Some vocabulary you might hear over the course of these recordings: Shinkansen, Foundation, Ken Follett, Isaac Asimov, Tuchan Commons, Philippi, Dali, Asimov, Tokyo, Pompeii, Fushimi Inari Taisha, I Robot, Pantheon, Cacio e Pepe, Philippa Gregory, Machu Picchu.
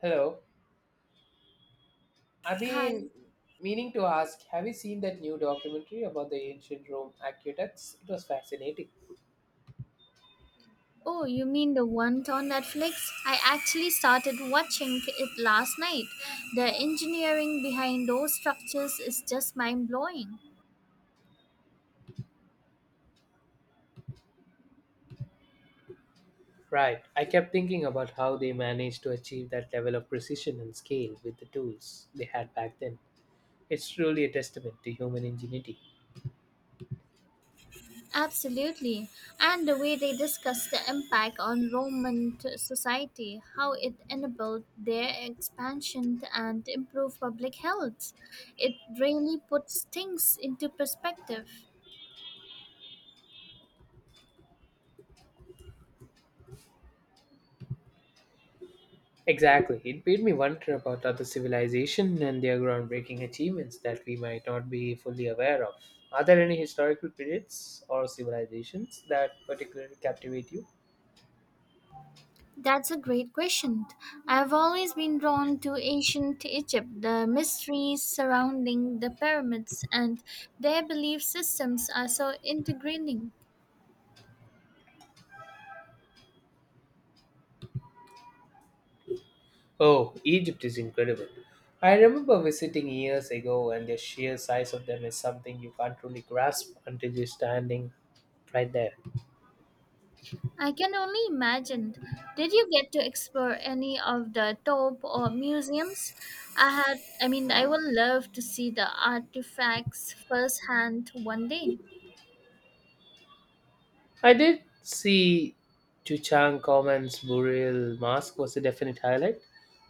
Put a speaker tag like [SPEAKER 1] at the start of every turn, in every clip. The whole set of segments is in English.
[SPEAKER 1] Hello. I've
[SPEAKER 2] Hi.
[SPEAKER 1] been meaning to ask, have you seen that new documentary about the ancient Rome aqueducts? It was fascinating.
[SPEAKER 2] Oh, you mean the one on Netflix? I actually started watching it last night. The engineering behind those structures is just mind blowing.
[SPEAKER 1] Right. I kept thinking about how they managed to achieve that level of precision and scale with the tools they had back then. It's truly a testament to human ingenuity.
[SPEAKER 2] Absolutely. And the way they discuss the impact on Roman society, how it enabled their expansion and improved public health. It really puts things into perspective.
[SPEAKER 1] Exactly. It made me wonder about other civilizations and their groundbreaking achievements that we might not be fully aware of. Are there any historical periods or civilizations that particularly captivate you?
[SPEAKER 2] That's a great question. I've always been drawn to ancient Egypt, the mysteries surrounding the pyramids, and their belief systems are so integrating.
[SPEAKER 1] Oh, Egypt is incredible. I remember visiting years ago, and the sheer size of them is something you can't really grasp until you're standing right there.
[SPEAKER 2] I can only imagine. Did you get to explore any of the top or museums? I mean, I would love to see the artifacts firsthand one day.
[SPEAKER 1] I did see Tuchan Commons burial mask was a definite highlight.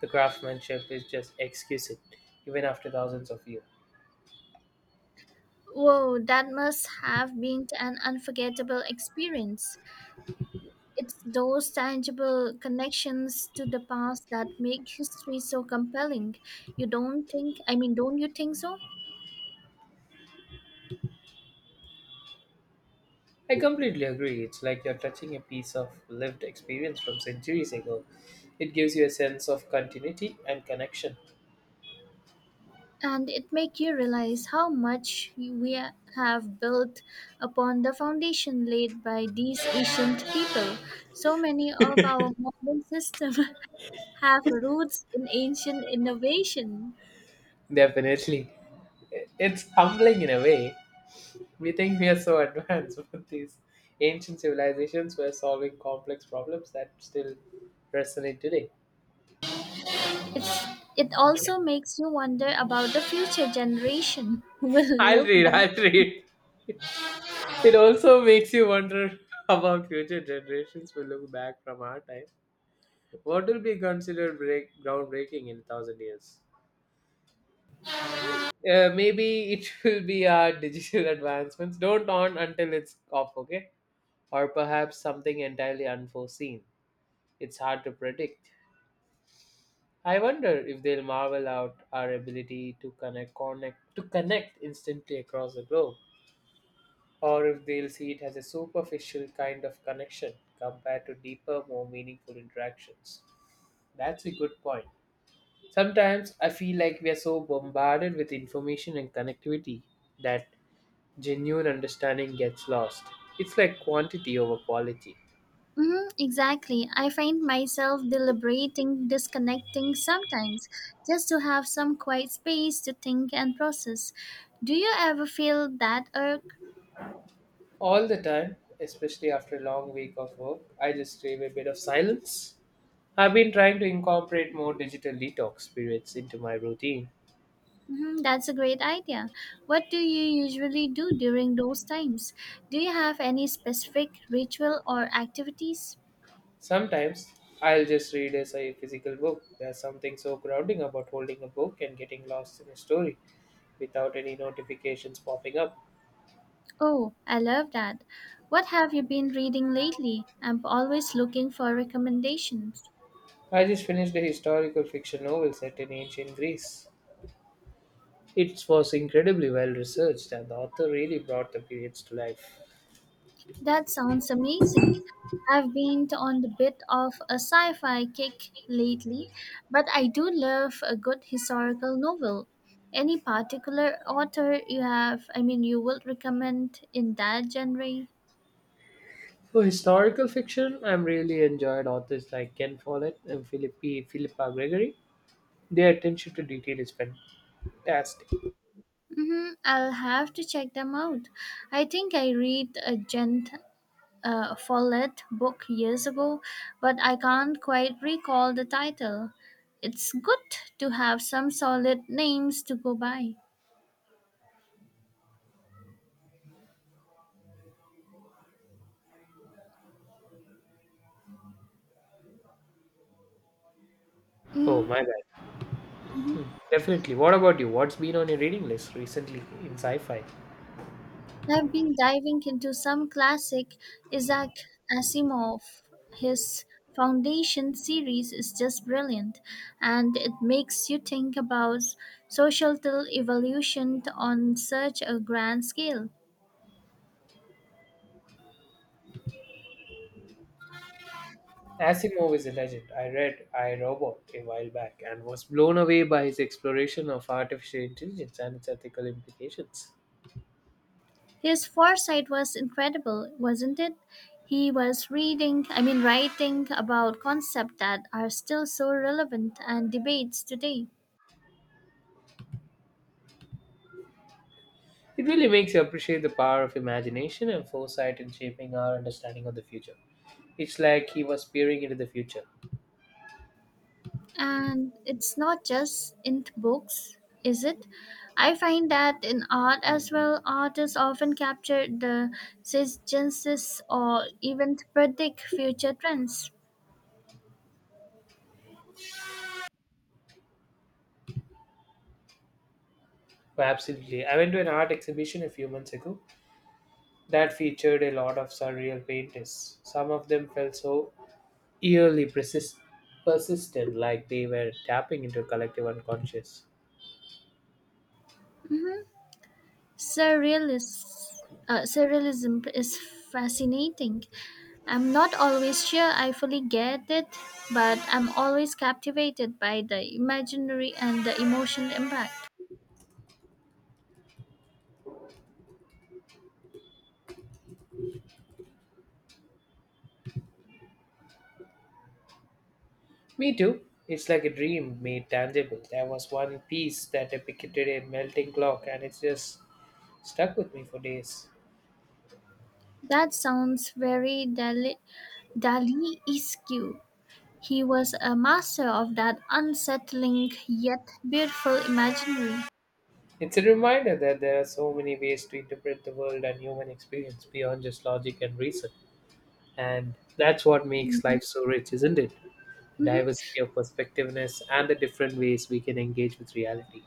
[SPEAKER 1] The craftsmanship is just exquisite, even after thousands of years.
[SPEAKER 2] Whoa, that must have been an unforgettable experience. It's those tangible connections to the past that make history so compelling. You don't think, I mean, don't you think so?
[SPEAKER 1] I completely agree. It's like you're touching a piece of lived experience from centuries ago. It gives you a sense of continuity and connection.
[SPEAKER 2] And it make you realize how much we have built upon the foundation laid by these ancient people. So many of our modern systems have roots in ancient innovation.
[SPEAKER 1] Definitely. It's humbling in a way. We think we are so advanced, but these ancient civilizations were solving complex problems that still resonate today.
[SPEAKER 2] It's, it also makes you wonder about the future generation will
[SPEAKER 1] I'll
[SPEAKER 2] look
[SPEAKER 1] read,
[SPEAKER 2] back.
[SPEAKER 1] I'll read. It also makes you wonder about future generations will look back from our time. What will be considered groundbreaking in a thousand years? Maybe it will be our digital advancements. Don't on until it's off, okay? Or perhaps something entirely unforeseen. It's hard to predict. I wonder if they'll marvel at our ability to connect instantly across the globe, or if they'll see it as a superficial kind of connection compared to deeper, more meaningful interactions. That's a good point. Sometimes I feel like we are so bombarded with information and connectivity that genuine understanding gets lost. It's like quantity over quality.
[SPEAKER 2] Mhm, exactly. I find myself disconnecting sometimes, just to have some quiet space to think and process. Do you ever feel that irk?
[SPEAKER 1] All the time, especially after a long week of work, I just crave a bit of silence. I've been trying to incorporate more digital detox periods into my routine.
[SPEAKER 2] Mhm, that's a great idea. What do you usually do during those times? Do you have any specific ritual or activities?
[SPEAKER 1] Sometimes I'll just read physical book. There's something so grounding about holding a book and getting lost in a story without any notifications popping up.
[SPEAKER 2] Oh, I love that. What have you been reading lately? I'm always looking for recommendations.
[SPEAKER 1] I just finished a historical fiction novel set in ancient Greece. It was incredibly well researched, and the author really brought the periods to life.
[SPEAKER 2] That sounds amazing. I've been on a bit of a sci fi kick lately, but I do love a good historical novel. Any particular author you have, I mean, you would recommend in that genre?
[SPEAKER 1] For historical fiction, I've really enjoyed authors like Ken Follett and Philippa Gregory. Their attention to detail is fantastic.
[SPEAKER 2] Mm-hmm, I'll have to check them out. I think I read a Gent Follett book years ago, but I can't quite recall the title. It's good to have some solid names to go by.
[SPEAKER 1] Oh, my
[SPEAKER 2] Mm-hmm.
[SPEAKER 1] bad. Definitely. What about you? What's been on your reading list recently in sci fi?
[SPEAKER 2] I've been diving into some classic Isaac Asimov. His Foundation series is just brilliant, and it makes you think about societal evolution on such a grand scale.
[SPEAKER 1] Asimov is a legend. I read I Robot a while back and was blown away by his exploration of artificial intelligence and its ethical implications.
[SPEAKER 2] His foresight was incredible, wasn't it? He was I mean, writing about concepts that are still so relevant and debates today.
[SPEAKER 1] It really makes you appreciate the power of imagination and foresight in shaping our understanding of the future. It's like he was peering into the future.
[SPEAKER 2] And it's not just in books, is it? I find that in art as well, artists often capture the suggestions or even predict future trends.
[SPEAKER 1] Oh, absolutely. I went to an art exhibition a few months ago that featured a lot of surreal painters. Some of them felt so eerily persist- persisted, like they were tapping into collective unconscious.
[SPEAKER 2] Surrealis- Surrealism is fascinating. I'm not always sure I fully get it, but I'm always captivated by the imaginary and the emotional impact.
[SPEAKER 1] Me too. It's like a dream made tangible. There was one piece that depicted a melting clock, and it's just stuck with me for days.
[SPEAKER 2] That sounds very Dali-esque. He was a master of that unsettling yet beautiful imaginary.
[SPEAKER 1] It's a reminder that there are so many ways to interpret the world and human experience beyond just logic and reason. And that's what makes
[SPEAKER 2] Mhm,
[SPEAKER 1] life so rich, isn't it? The
[SPEAKER 2] mhm,
[SPEAKER 1] diversity of perspectiveness and the different ways we can engage with reality.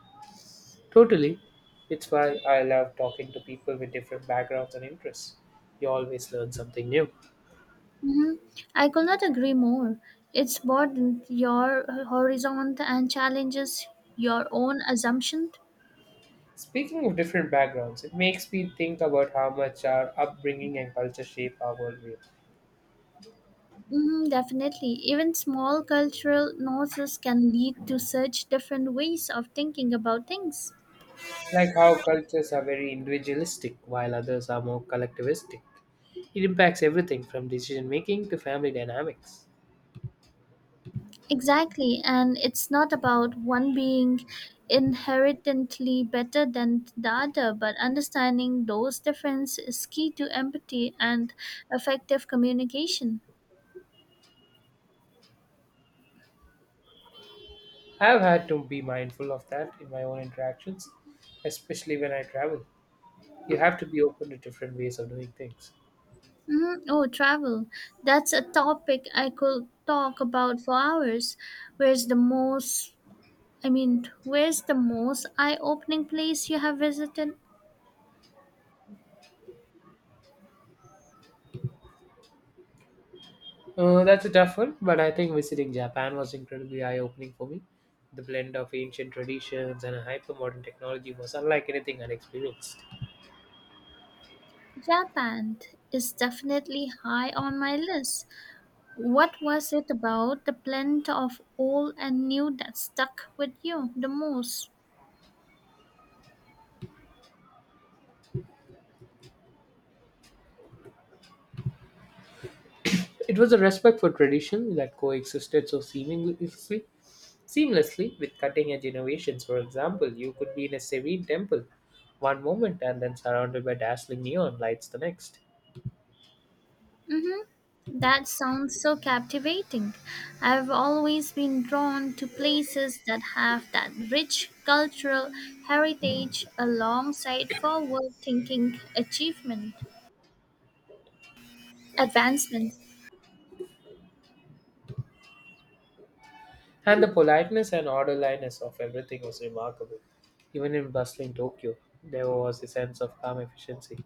[SPEAKER 1] Totally. It's why I love talking to people with different backgrounds and interests. You always learn something new.
[SPEAKER 2] mhm. I could not agree more. It's broadens your horizon and challenges your own assumptions.
[SPEAKER 1] Speaking of different backgrounds, it makes me think about how much our upbringing and culture shape our worldview.
[SPEAKER 2] Mhm, definitely. Even small cultural nuances can lead to such different ways of thinking about things.
[SPEAKER 1] Like how cultures are very individualistic while others are more collectivistic. It impacts everything from decision making to family dynamics.
[SPEAKER 2] Exactly, and it's not about one being inherently better than the other, but understanding those differences is key to empathy and effective communication.
[SPEAKER 1] I have had to be mindful of that in my own interactions, especially when I travel. You have to be open to different ways of doing things.
[SPEAKER 2] Mhm. Oh, travel. That's a topic I could talk about for hours. Where's the most, I mean, where's the most eye opening place you have visited?
[SPEAKER 1] That's a tough one, but I think visiting Japan was incredibly eye opening for me. The blend of ancient traditions and hyper modern technology was unlike anything I'd experienced.
[SPEAKER 2] Japan is definitely high on my list. What was it about the blend of old and new that stuck with you the most?
[SPEAKER 1] It was a respect for tradition that coexisted so seamlessly with cutting edge innovations. For example, you could be in a serene temple one moment and then surrounded by dazzling neon lights the next.
[SPEAKER 2] Mm-hmm. That sounds so captivating. I've always been drawn to places that have that rich cultural heritage alongside forward thinking achievement advancement.
[SPEAKER 1] And the politeness and orderliness of everything was remarkable. Even in bustling Tokyo, there was a sense of calm efficiency.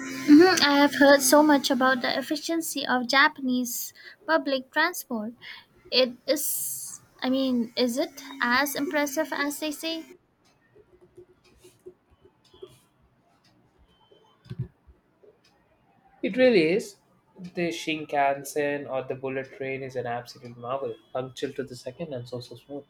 [SPEAKER 2] Mhm, I have heard so much about the efficiency of Japanese public transport. It is I mean, is it as impressive as they say?
[SPEAKER 1] It really is. The Shinkansen or the bullet train is an absolute marvel, punctual to the second and so smooth.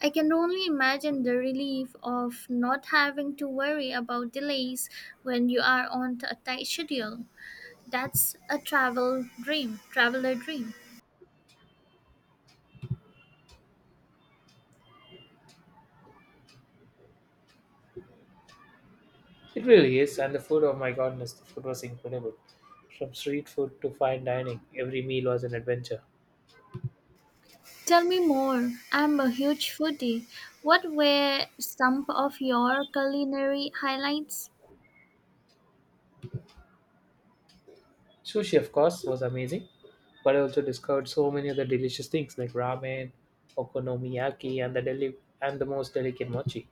[SPEAKER 2] I can only imagine the relief of not having to worry about delays when you are on a tight schedule. That's a traveler dream.
[SPEAKER 1] It really is, and the food, oh my goodness, the food was incredible. From street food to fine dining, every meal was an adventure.
[SPEAKER 2] Tell me more. I'm a huge foodie. What were some of your culinary highlights?
[SPEAKER 1] Sushi, of course, was amazing, but I also discovered so many other delicious things like ramen, okonomiyaki, and the most delicate mochi.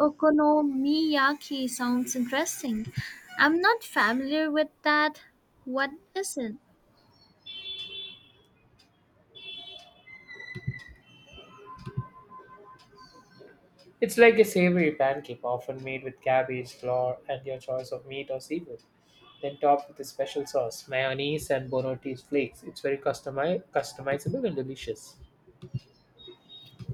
[SPEAKER 2] Okonomiyaki sounds interesting. I'm not familiar with that. What is it?
[SPEAKER 1] It's like a savory pancake, often made with cabbage, flour, and your choice of meat or seafood, then topped with a special sauce, mayonnaise and bolognese flakes. It's very customizable and delicious.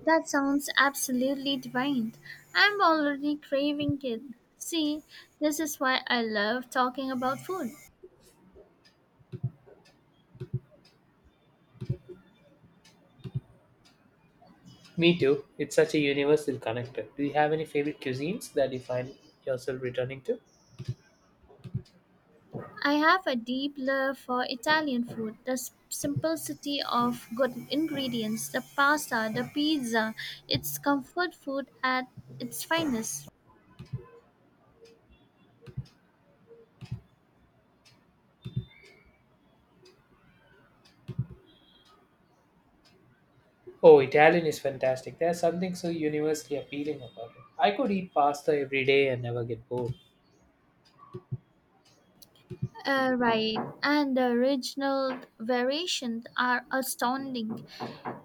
[SPEAKER 2] That sounds absolutely divine. I'm already craving it. See, this is why I love talking about food.
[SPEAKER 1] Me too. It's such a universal connector. Do you have any favorite cuisines that you find yourself returning to?
[SPEAKER 2] I have a deep love for Italian food, the simplicity of good ingredients, the pasta, the pizza. It's comfort food at its finest.
[SPEAKER 1] Oh, Italian is fantastic. There's something so universally appealing about it. I could eat pasta every day and never get bored.
[SPEAKER 2] Right, and the regional variations are astounding.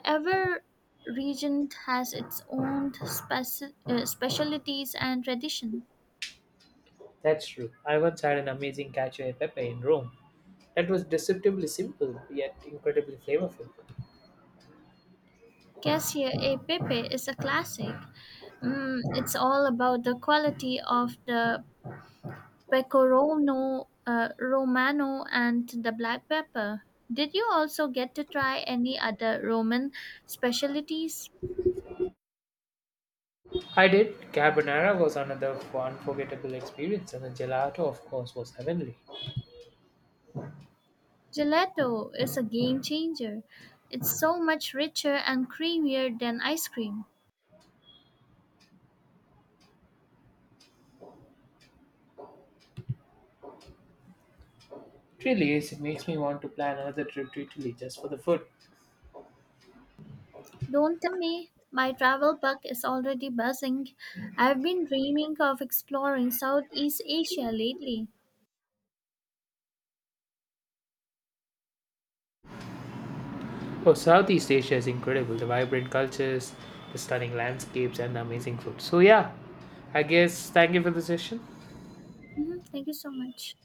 [SPEAKER 2] Every region has its own specialties and tradition.
[SPEAKER 1] That's true. I once had an amazing cacio e pepe in Rome that was deceptively simple yet incredibly flavorful.
[SPEAKER 2] Cassia e Pepe is a classic. Mm, it's all about the quality of the pecorino romano and the black pepper. Did you also get to try any other Roman specialties?
[SPEAKER 1] I did. Carbonara was another unforgettable experience, and the gelato, of course, was heavenly.
[SPEAKER 2] Gelato is a game changer. It's so much richer and creamier than ice cream.
[SPEAKER 1] It really is. It makes me want to plan another trip to Italy just for the food.
[SPEAKER 2] Don't tell me, my travel bug is already buzzing. I've been dreaming of exploring Southeast Asia lately.
[SPEAKER 1] Oh, Southeast Asia is incredible. The vibrant cultures, the stunning landscapes, and the amazing food. So, yeah, I guess thank you for the session.
[SPEAKER 2] Mhm, thank you so much.